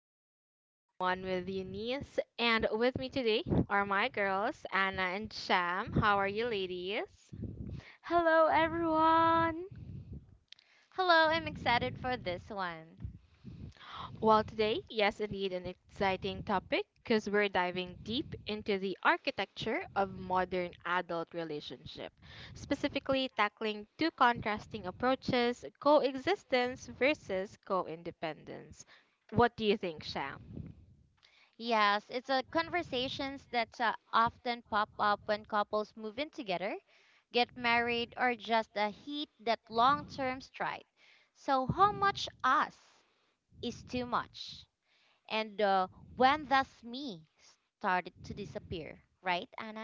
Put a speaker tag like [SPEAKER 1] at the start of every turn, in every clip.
[SPEAKER 1] the Adulting 101 with Eunice. And with me today are my girls, Anna and Sham. How are you, ladies?
[SPEAKER 2] Hello, everyone.
[SPEAKER 3] Hello, I'm excited for this one.
[SPEAKER 1] Well, today, yes, indeed, an exciting topic because we're diving deep into the architecture of modern adult relationship, specifically tackling two contrasting approaches coexistence versus co independence. What do you think, Sham?
[SPEAKER 3] Yes, it's a conversations that often pop up when couples move in together, get married, or just hit that long-term stride. So, how much us is too much? And When does me started to disappear, right, Anna?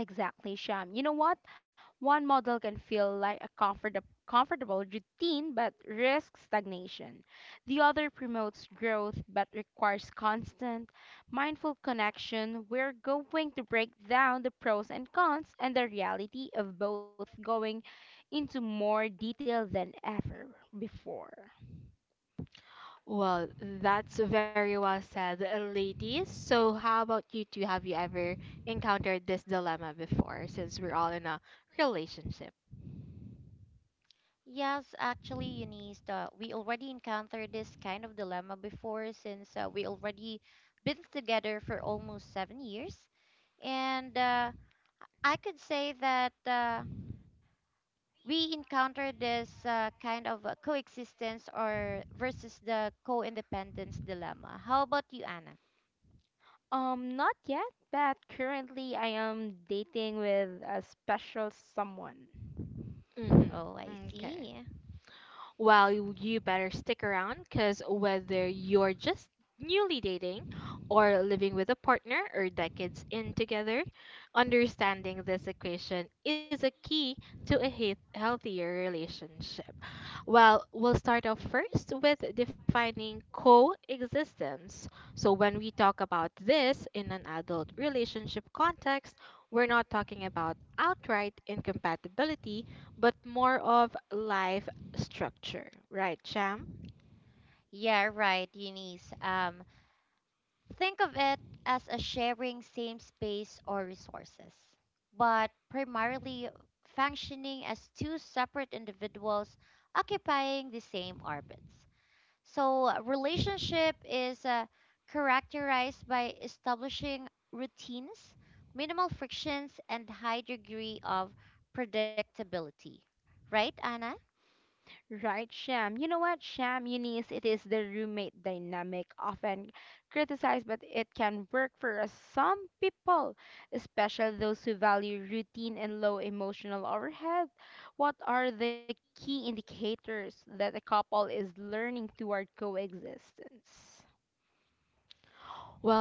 [SPEAKER 2] Exactly, Sham. You know what? One model can feel like a comfortable routine but risks stagnation. The other promotes growth but requires constant, mindful connection. We're going to break down the pros and cons and the reality of both going into more detail than ever before.
[SPEAKER 1] Well, that's very well said, ladies. So, how about you two? Have you ever encountered this dilemma before since we're all in a relationship?
[SPEAKER 3] Yes, actually, Eunice, we already encountered this kind of dilemma before since we already been together for almost 7 years. And I could say that we encounter this kind of coexistence or versus the co-independence dilemma. How about you, Anna?
[SPEAKER 2] Not yet, but currently I am dating with a special someone.
[SPEAKER 3] Oh, I
[SPEAKER 1] Mm-hmm.
[SPEAKER 3] see.
[SPEAKER 1] Okay. Well, you better stick around because whether you're just newly dating or living with a partner or decades in together, understanding this equation is a key to a healthier relationship. Well, we'll start off first with defining coexistence. So, when we talk about this in an adult relationship context, we're not talking about outright incompatibility, but more of life structure, right, Cham?
[SPEAKER 3] Yeah, right, Eunice. Think of it as a sharing same space or resources, but primarily functioning as two separate individuals occupying the same orbits. So, relationship is characterized by establishing routines, minimal frictions, and high degree of predictability. Right, Anna?
[SPEAKER 2] Right, Sham. You know what, Sham, Eunice, it is the roommate dynamic, often criticized, but it can work for some people, especially those who value routine and low emotional overhead. What are the key indicators that a couple is learning toward coexistence?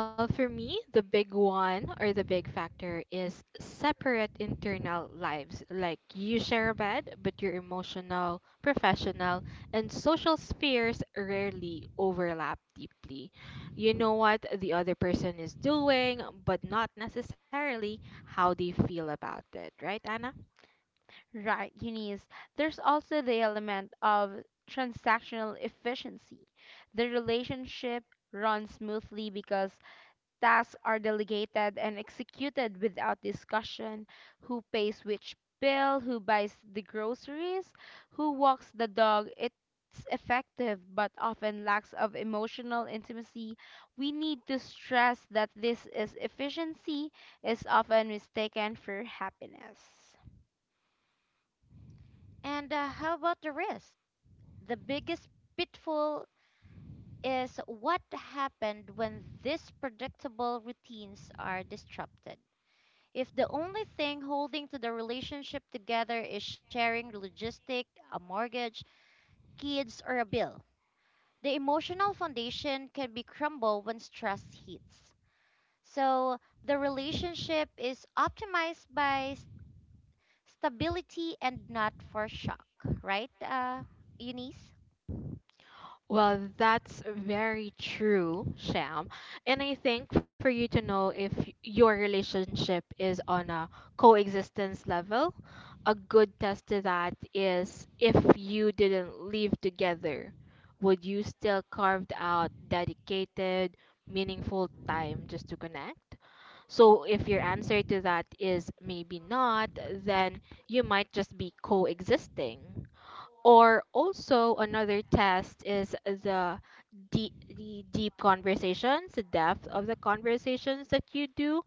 [SPEAKER 1] Well, for me, the big one or the big factor is separate internal lives. Like you share a bed, but your emotional, professional, and social spheres rarely overlap deeply. You know what the other person is doing, but not necessarily how they feel about it, right, Anna?
[SPEAKER 2] Right, Eunice. There's also the element of transactional efficiency. The relationship runs smoothly because tasks are delegated and executed without discussion. Who pays which bill, who buys the groceries, who walks the dog. It's effective but often lacks of emotional intimacy. We need to stress that this is efficiency is often mistaken for happiness.
[SPEAKER 3] And How about the risk? The biggest pitfall is what happened when these predictable routines are disrupted. If the only thing holding to the relationship together is sharing logistic, a mortgage, kids, or a bill, the emotional foundation can be crumbled when stress hits. So the relationship is optimized by stability and not for shock, right, Eunice?
[SPEAKER 1] Well, that's very true, Sham. And I think for you to know if your relationship is on a coexistence level, a good test to that is if you didn't live together, would you still carved out dedicated, meaningful time just to connect? So if your answer to that is maybe not, then you might just be coexisting. Or also another test is the deep conversations, the depth of the conversations that you do.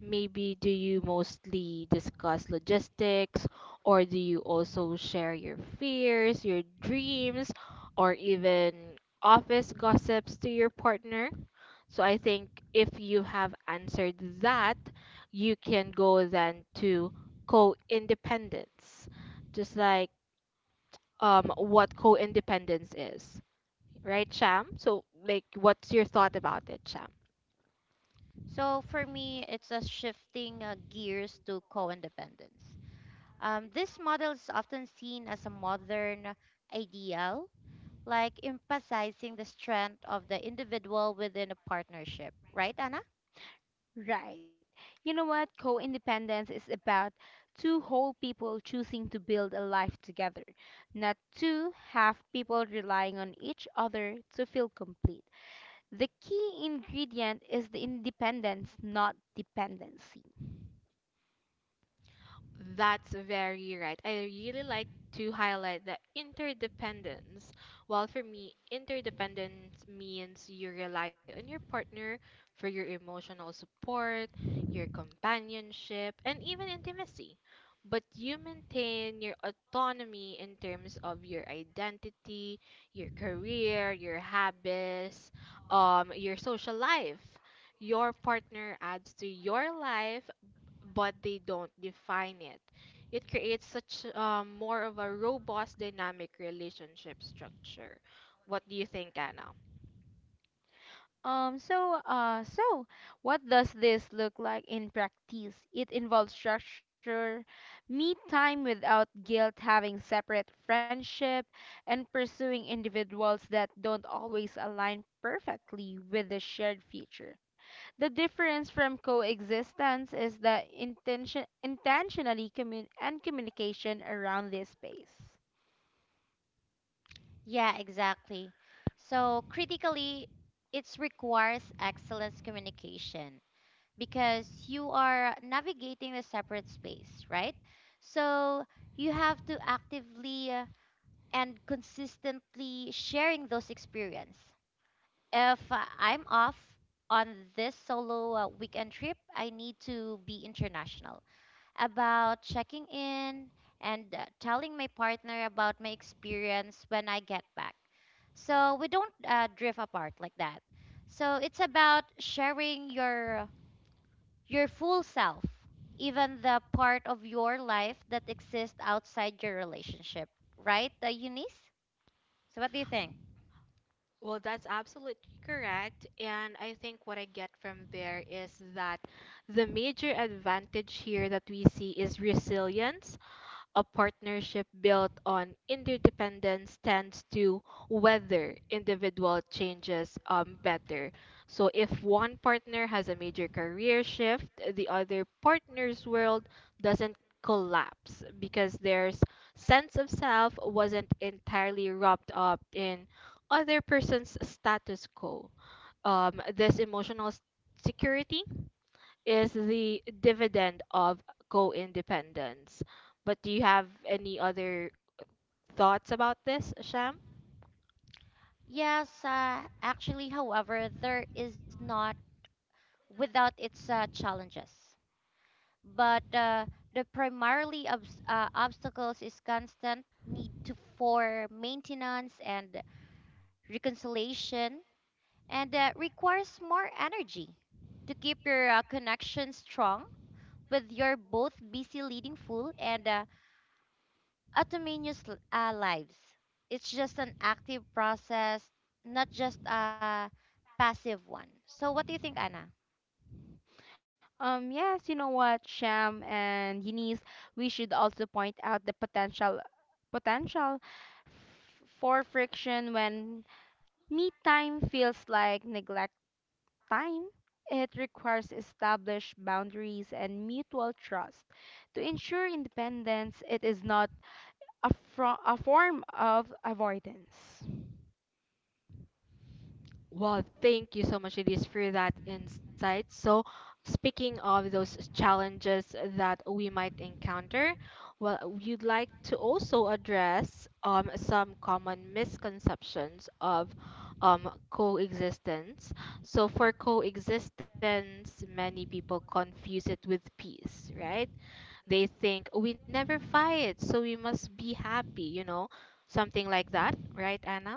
[SPEAKER 1] Maybe do you mostly discuss logistics or do you also share your fears, your dreams, or even office gossips to your partner? So I think if you have answered that, you can go then to co-independence. Just like what co-independence is, right, Sham? So, like, what's your thought about it, Sham?
[SPEAKER 3] So for me, it's a shifting gears to co-independence. This model is often seen as a modern ideal, like emphasizing the strength of the individual within a partnership, right, Anna?
[SPEAKER 2] Right. You know what? Co independence is about two whole people choosing to build a life together, not two half people relying on each other to feel complete. The key ingredient is the independence, not dependency.
[SPEAKER 1] That's very right. I really like to highlight the interdependence. Well, for me, interdependence means you rely on your partner for your emotional support, your companionship, and even intimacy. But you maintain your autonomy in terms of your identity, your career, your habits, your social life. Your partner adds to your life but they don't define it. It creates such more of a robust dynamic relationship structure. What do you think, Anna?
[SPEAKER 2] So what does this look like in practice? It involves structure, me time without guilt, having separate friendship, and pursuing individuals that don't always align perfectly with the shared future. The difference from coexistence is the intention, intentionally and communication around this space.
[SPEAKER 3] Yeah, exactly. So, critically, it requires excellence communication because you are navigating a separate space, right? So, you have to actively and consistently sharing those experience. If I'm off on this solo weekend trip, I need to be international about checking in and telling my partner about my experience when I get back. So we don't drift apart like that. So it's about sharing your full self, even the part of your life that exists outside your relationship, right, Eunice? So what do you think?
[SPEAKER 1] Well, that's absolutely correct. And I think what I get from there is that the major advantage here that we see is resilience. A partnership built on interdependence tends to weather individual changes better. So, if one partner has a major career shift, the other partner's world doesn't collapse because their sense of self wasn't entirely wrapped up in other person's status quo. This emotional security is the dividend of co-independence. But do you have any other thoughts about this, Sham?
[SPEAKER 3] Yes, actually, however, there is not without its challenges, but the primarily obstacles is constant need to for maintenance and reconciliation and requires more energy to keep your connection strong with your both busy leading full and autonomous lives. It's just an active process, not just a passive one. So what do you think, Anna?
[SPEAKER 2] Yes, you know what, Sham and Eunice, we should also point out the potential for friction when me time feels like neglect time. It requires established boundaries and mutual trust. To ensure independence, it is not a form of avoidance.
[SPEAKER 1] Well, thank you so much, Elise, for that insight. So, speaking of those challenges that we might encounter, well, you'd like to also address some common misconceptions of coexistence. So, for coexistence, many people confuse it with peace, right? They think we never fight, so we must be happy, you know, something like that, right, Anna?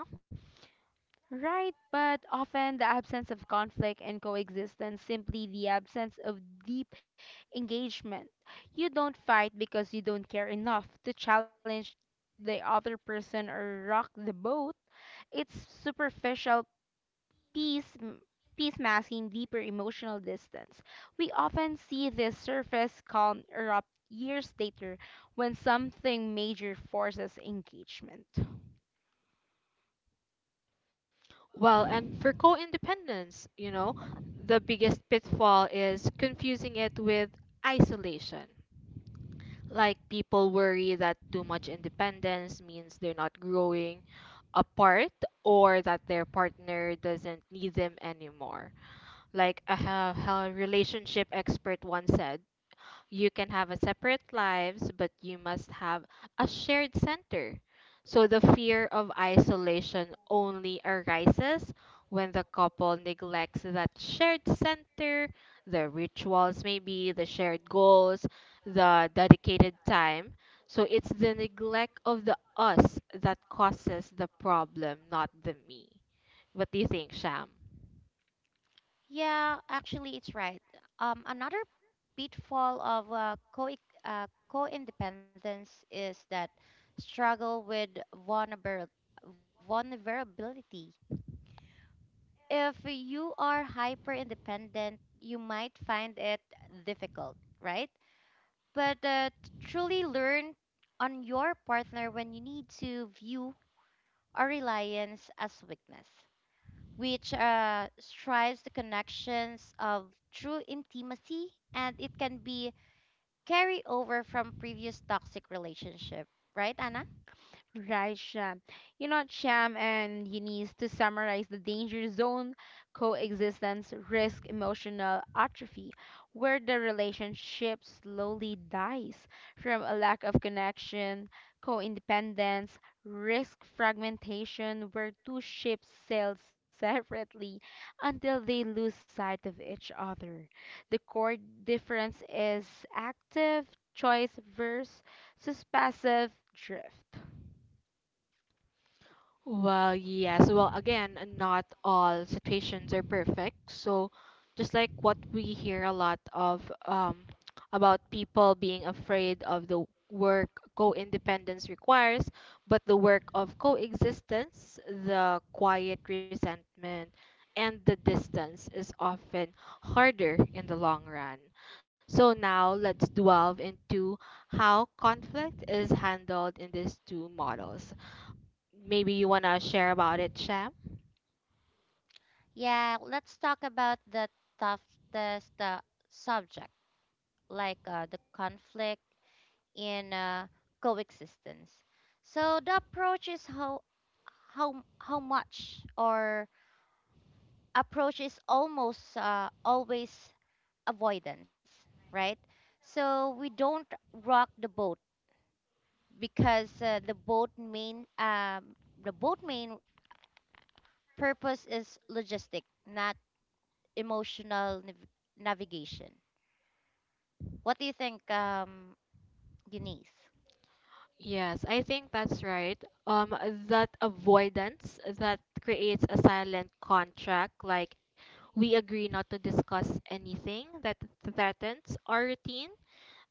[SPEAKER 2] Right, but often the absence of conflict and coexistence, simply the absence of deep engagement. You don't fight because you don't care enough to challenge the other person or rock the boat. It's superficial peace m- peace masking deeper emotional distance. We often see this surface calm erupt years later when something major forces engagement.
[SPEAKER 1] Well, and for co independence, you know, the biggest pitfall is confusing it with isolation. Like people worry that too much independence means they're not growing apart or that their partner doesn't need them anymore. Like a relationship expert once said, you can have a separate lives, but you must have a shared center. So the fear of isolation only arises when the couple neglects that shared center, the rituals maybe, the shared goals, the dedicated time. So it's the neglect of the us that causes the problem, not the me. What do you think, Sham?
[SPEAKER 3] Yeah, actually, it's right. Another pitfall of co co-independence is that struggle with vulnerability. If you are hyper independent, you might find it difficult, right? But truly learn on your partner when you need to view a reliance as weakness, which strives the connections of true intimacy, and it can be carry over from previous toxic relationship, right, Anna?
[SPEAKER 2] Right, Sham. You know, Sham and Eunice, to summarize the danger zone coexistence risk emotional atrophy, where the relationship slowly dies from a lack of connection. Co-independence, risk fragmentation, where two ships sail separately until they lose sight of each other. The core difference is active choice versus passive drift.
[SPEAKER 1] Well, yes. Well, again, not all situations are perfect. So, just like what we hear a lot of um, about people being afraid of the work co-independence requires, but the work of coexistence, the quiet resentment, and the distance is often harder in the long run. So, now let's delve into how conflict is handled in these two models. Maybe you want to share about it, Sham?
[SPEAKER 3] Yeah, let's talk about the toughest subject, like the conflict in coexistence. So the approach is how much or approach is almost always avoidance, right? So we don't rock the boat because the boat main purpose is logistic, not emotional navigation. What do you think, Denise?
[SPEAKER 1] Yes, I think that's right. Um, that avoidance that creates a silent contract, like we agree not to discuss anything that threatens our routine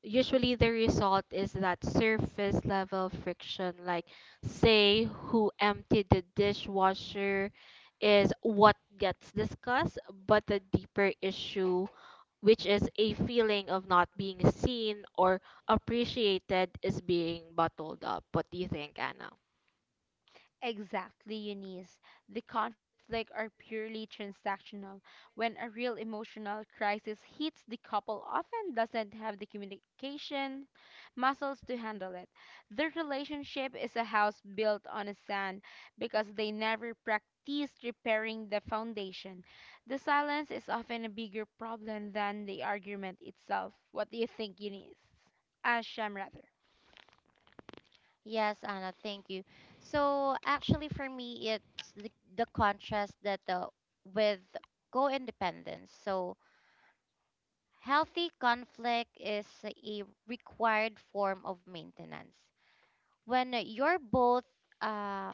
[SPEAKER 1] usually the result is that surface level friction, like say who emptied the dishwasher, is what gets discussed, but the deeper issue, which is a feeling of not being seen or appreciated, is being bottled up. What do you think, Anna?
[SPEAKER 2] Exactly, Eunice. The conflict are purely transactional. When a real emotional crisis hits, the couple often doesn't have the communication muscles to handle it. Their relationship is a house built on a sand because they never practiced repairing the foundation. The silence is often a bigger problem than the argument itself. What do you think, Eunice? Asham, rather.
[SPEAKER 3] Yes, Anna, thank you. So actually, for me, it's the contrast that with co-independence. So healthy conflict is a required form of maintenance. When you're both uh,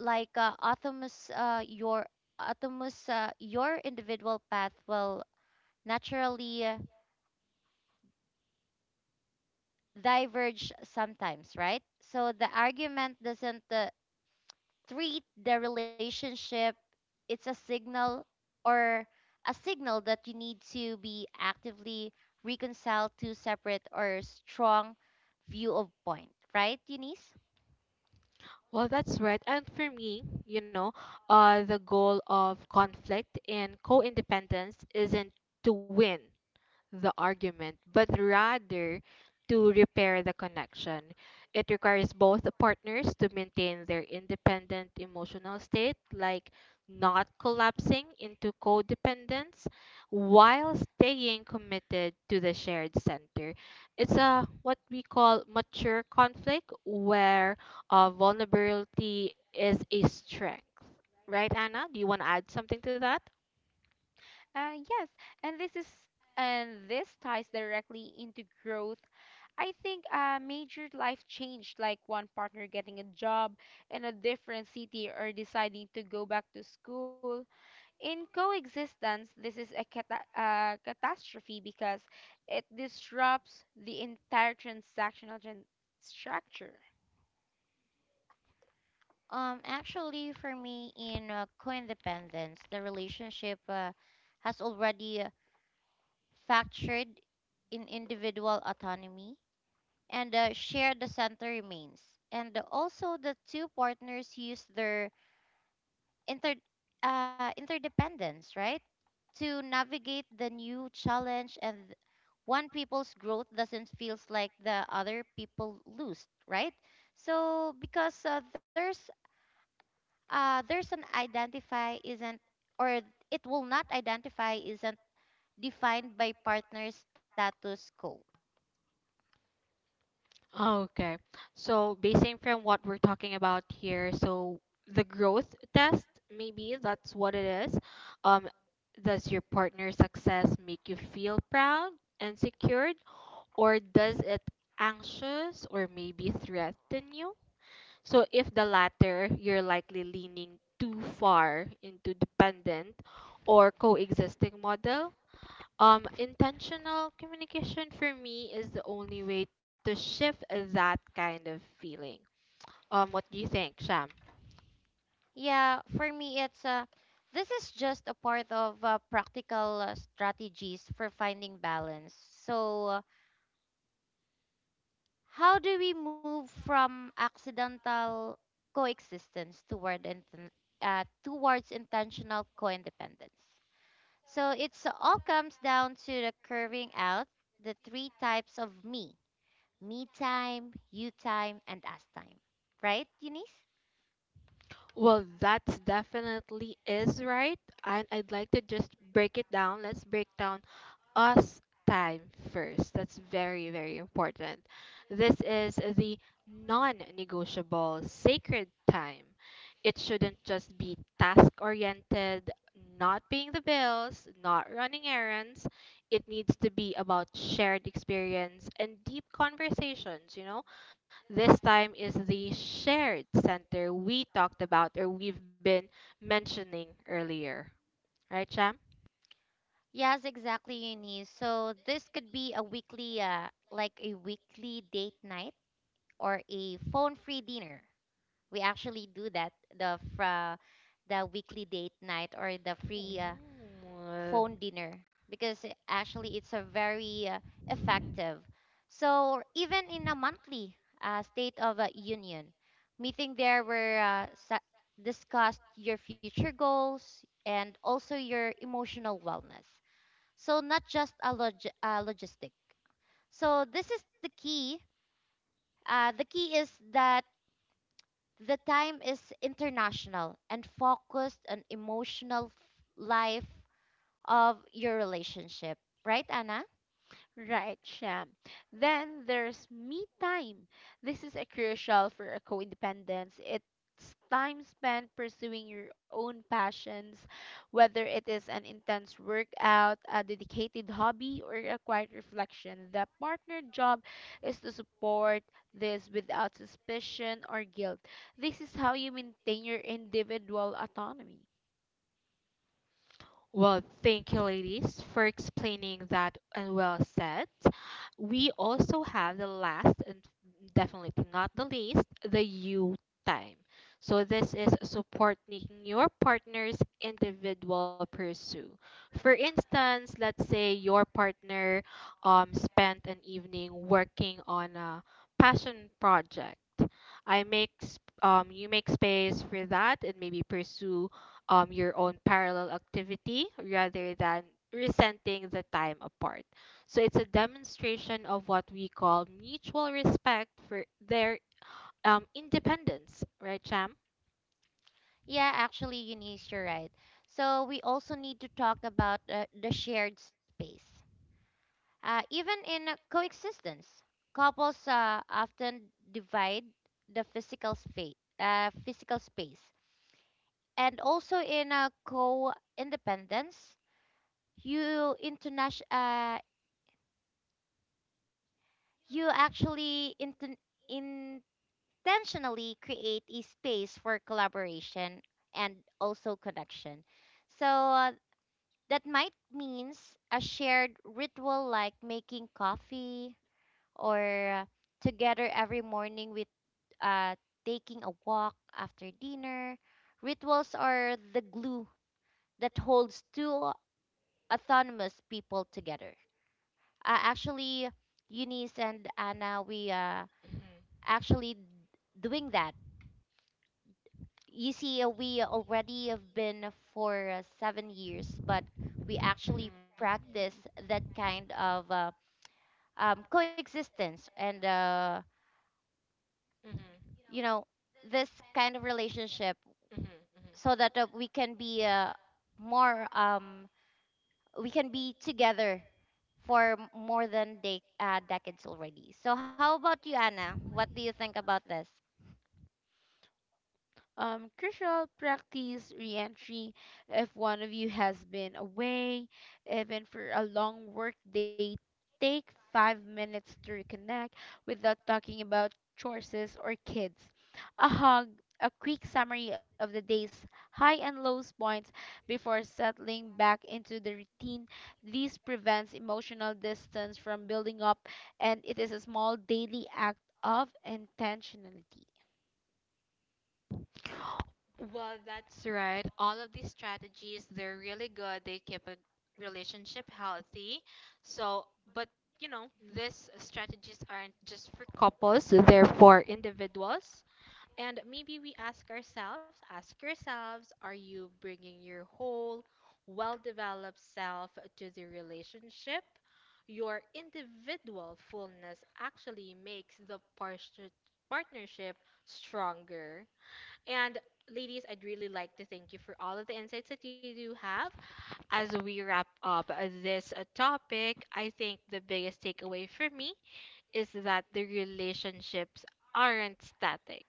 [SPEAKER 3] like autonomous your autonomous your individual path will naturally diverge sometimes, right? So the argument doesn't treat the relationship, it's or a signal that you need to be actively reconciled to separate or strong view of point, right, Eunice?
[SPEAKER 1] Well, that's right, and for me, you know, the goal of conflict and co-independence isn't to win the argument, but rather to repair the connection. It requires both partners to maintain their independent emotional state, like not collapsing into codependence while staying committed to the shared center. It's a what we call mature conflict where vulnerability is a strength. Right, Anna? Do you want to add something to that?
[SPEAKER 2] Yes, and this is and this ties directly into growth. I think a major life change, like one partner getting a job in a different city or deciding to go back to school. In coexistence, this is a catastrophe because it disrupts the entire transactional gen structure.
[SPEAKER 3] Actually, for me, in co-independence, the relationship has already factored in individual autonomy, and share the center remains. And also, the two partners use their inter interdependence, right, to navigate the new challenge. And one people's growth doesn't feels like the other people lose, right? So because there's an identify isn't, or it will not identify isn't defined by partner status quo.
[SPEAKER 1] Oh, okay. So, basing from what we're talking about here, so the growth test, maybe that's what it is. Um, does your partner's success make you feel proud and secured, or does it anxious or maybe threaten you? So, if the latter, you're likely leaning too far into dependent or coexisting model. Intentional communication for me is the only way to shift that kind of feeling. What do you think, Sham?
[SPEAKER 3] Yeah, for me it's this is just a part of practical strategies for finding balance. So how do we move from accidental coexistence toward towards intentional co-independence? So it's all comes down to the curving out the three types of me time, you time, and us time. Right, Eunice?
[SPEAKER 1] Well, that's definitely is right, and I'd like to just break it down. Let's break down us time first. That's very, very important. This is the non negotiable sacred time. It shouldn't just be task oriented, not paying the bills, not running errands. It needs to be about shared experience and deep conversations, you know? This time is the shared center we talked about or we've been mentioning earlier. Right, Cham?
[SPEAKER 3] Yes, exactly, Eunice. So this could be a weekly date night or a phone-free dinner. We actually do that, the weekly date night or the free
[SPEAKER 1] Ooh.
[SPEAKER 3] phone dinner, because actually it's a very effective. So even in a monthly state of union meeting, there were discussed your future goals and also your emotional wellness. So not just a logistic. So this is the key. The key is that the time is international and focused on emotional life of your relationship, right, Anna?
[SPEAKER 2] Right, Sham. Then there's me time. This is a crucial for a co-independence. It's time spent pursuing your own passions, whether it is an intense workout, a dedicated hobby, or a quiet reflection. The partner job is to support this without suspicion or guilt. This is how you maintain your individual autonomy.
[SPEAKER 1] Well, thank you, ladies, for explaining that and well said. We also have the last and definitely not the least, the you time. So this is supporting your partner's individual pursuit. For instance, let's say your partner spent an evening working on a passion project. You make space for that and maybe pursue your own parallel activity rather than resenting the time apart. So it's a demonstration of what we call mutual respect for their independence, right, Cham?
[SPEAKER 3] Yeah, actually, Eunice, you're right. So we also need to talk about the shared space. Even in coexistence, couples often divide the physical space, and also in co-independence, you internation, uh, you intentionally create a space for collaboration and also connection. So that might means a shared ritual like making coffee or together every morning with uh, taking a walk after dinner. Rituals are the glue that holds two autonomous people together. Actually, Eunice and Anna, we
[SPEAKER 1] Mhm.
[SPEAKER 3] actually doing that. You see, we already have been for 7 years, but we actually
[SPEAKER 1] Mhm.
[SPEAKER 3] practice
[SPEAKER 2] Mhm.
[SPEAKER 3] that kind of coexistence and
[SPEAKER 1] Mhm.
[SPEAKER 3] you know this kind of relationship,
[SPEAKER 1] Mhm. Mhm.
[SPEAKER 3] so that we can be more we can be together for more than decades already. So how about you, Anna? What do you think about this?
[SPEAKER 2] Crucial practice reentry if one of you has been away, even for a long work day. Take 5 minutes to reconnect without talking about chores or kids. A hug, a quick summary of the day's high and low points before settling back into the routine. This prevents emotional distance from building up, and it is a small daily act of intentionality.
[SPEAKER 1] Well, that's right. All of these strategies, they're really good. They keep a relationship healthy. So, but you know, these strategies aren't just for couples, they're for individuals. And maybe we ask ourselves, ask yourselves, are you bringing your whole, well-developed self to the relationship? Your individual fullness actually makes the partnership stronger. And ladies, I'd really like to thank you for all of the insights that you do have. As we wrap up this topic, I think the biggest takeaway for me is that the relationships aren't static.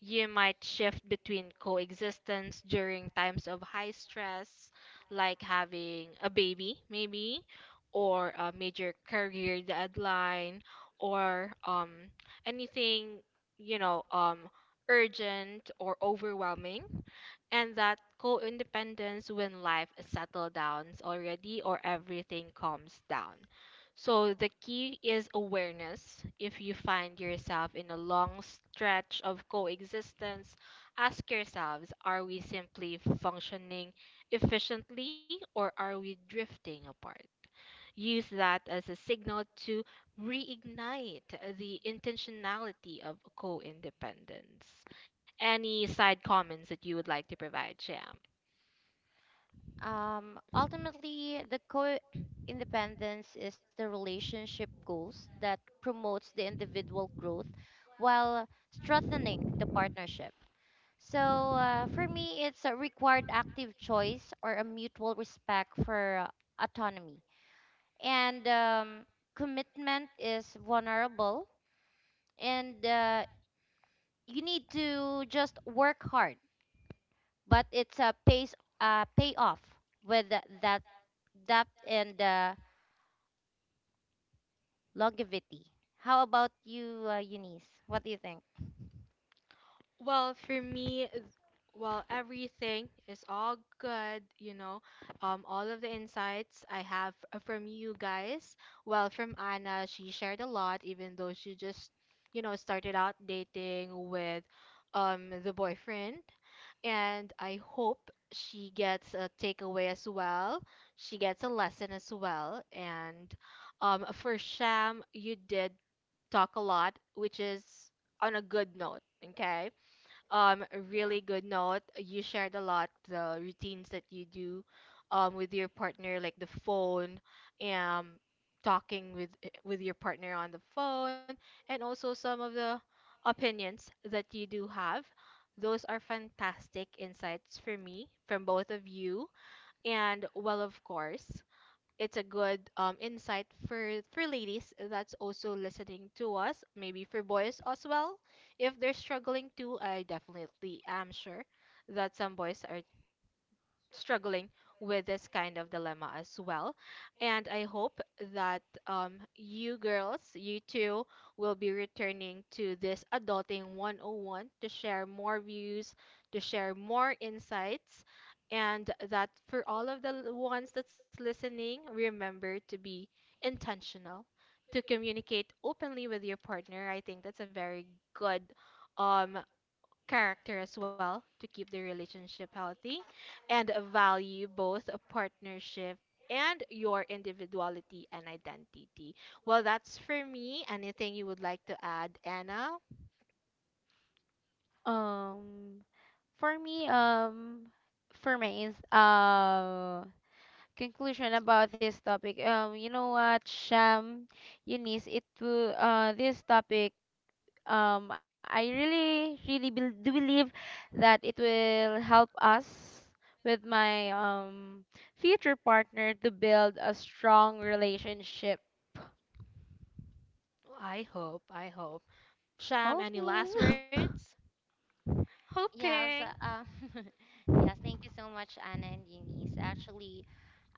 [SPEAKER 1] You might shift between coexistence during times of high stress, like having a baby, maybe, or a major career deadline, or anything, you know, urgent or overwhelming, and that co-independence when life settles down already or everything calms down. So the key is awareness. If you find yourself in a long stretch of coexistence, ask yourselves, are we simply functioning efficiently or are we drifting apart? Use that as a signal to reignite the intentionality of co independence. Any side comments that you would like to provide, Jam?
[SPEAKER 3] Ultimately the co independence is the relationship goals that promotes the individual growth while strengthening the partnership. So for me, it's a required active choice or a mutual respect for autonomy. And commitment is vulnerable, and you need to just work hard. But it's a pace, payoff with that depth and longevity. How about you, Eunice? What do you think?
[SPEAKER 1] Well, for me, well, everything is all good, you know. All of the insights I have from you guys. Well, from Anna, she shared a lot, even though she just, you know, started out dating with the boyfriend. And I hope she gets a takeaway as well. She gets a lesson as well. And for Sham, you did talk a lot, which is on a good note, okay? Really good note. You shared a lot the routines that you do with your partner, like the phone, um talking with with your partner on the phone, and also some of the opinions that you do have. Those are fantastic insights for me from both of you. And well, of course, it's a good insight for ladies that's also listening to us, maybe for boys as well. If they're struggling too, I definitely am sure that some boys are struggling with this kind of dilemma as well. And I hope that you girls, you two, will be returning to this Adulting 101 to share more views, to share more insights, and that for all of the ones that's listening, remember to be intentional. To communicate openly with your partner, I think that's a very good um, character as well to keep the relationship healthy and value both a partnership and your individuality and identity. Well, that's for me. Anything you would like to add, Anna?
[SPEAKER 2] Um, for me, um, for my conclusion about this topic, you know what, Sham, Eunice, it will this topic, I really, really bel do believe that it will help us with my future partner to build a strong relationship.
[SPEAKER 1] I hope, I hope. Sham, any
[SPEAKER 2] Hoping.
[SPEAKER 1] last words?
[SPEAKER 3] Yes,
[SPEAKER 1] Hoping.
[SPEAKER 3] um, yes, thank you so much, Anna and Eunice. Actually,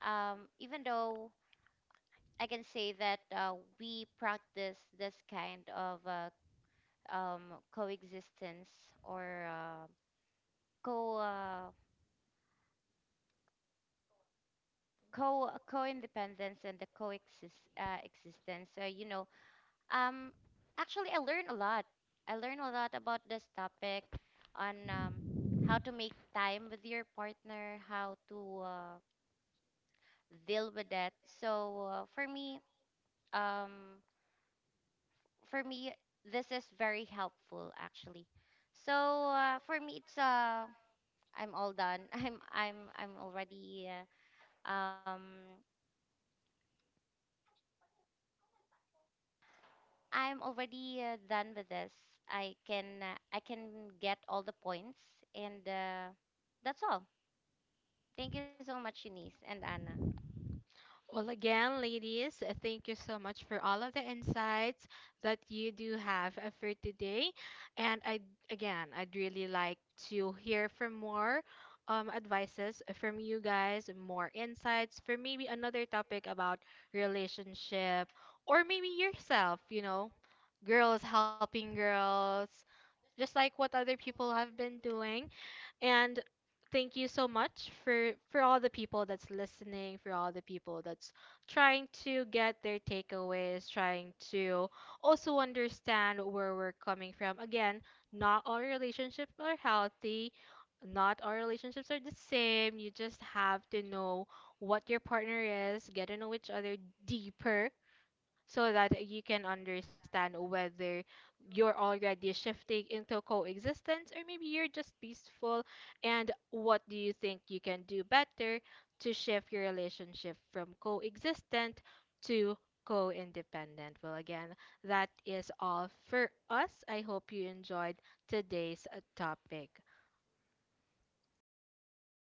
[SPEAKER 3] even though I can say that we practice this kind of coexistence or co co co-independence and the coexist existence. So you know, um, actually, I learn a lot. I learn a lot about this topic on how to make time with your partner, how to deal with that. So um, for me this is very helpful actually. So for me it's I'm all done. I'm already um I'm already done with this. I can get all the points and that's all. Thank you so much, Shanice and Anna.
[SPEAKER 1] Well, again, ladies, thank you so much for all of the insights that you do have for today. And I, again, I'd really like to hear from more advices from you guys, more insights for maybe another topic about relationship or maybe yourself, you know, girls helping girls, just like what other people have been doing. And thank you so much for all the people that's listening, for all the people that's trying to get their takeaways, trying to also understand where we're coming from. Again, not all relationships are healthy. Not all relationships are the same. You just have to know what your partner is, get to know each other deeper so that you can understand whether you're already shifting into coexistence or maybe you're just peaceful and what do you think you can do better to shift your relationship from coexistent to co-independent. Well, again, that is all for us. I hope you enjoyed today's topic.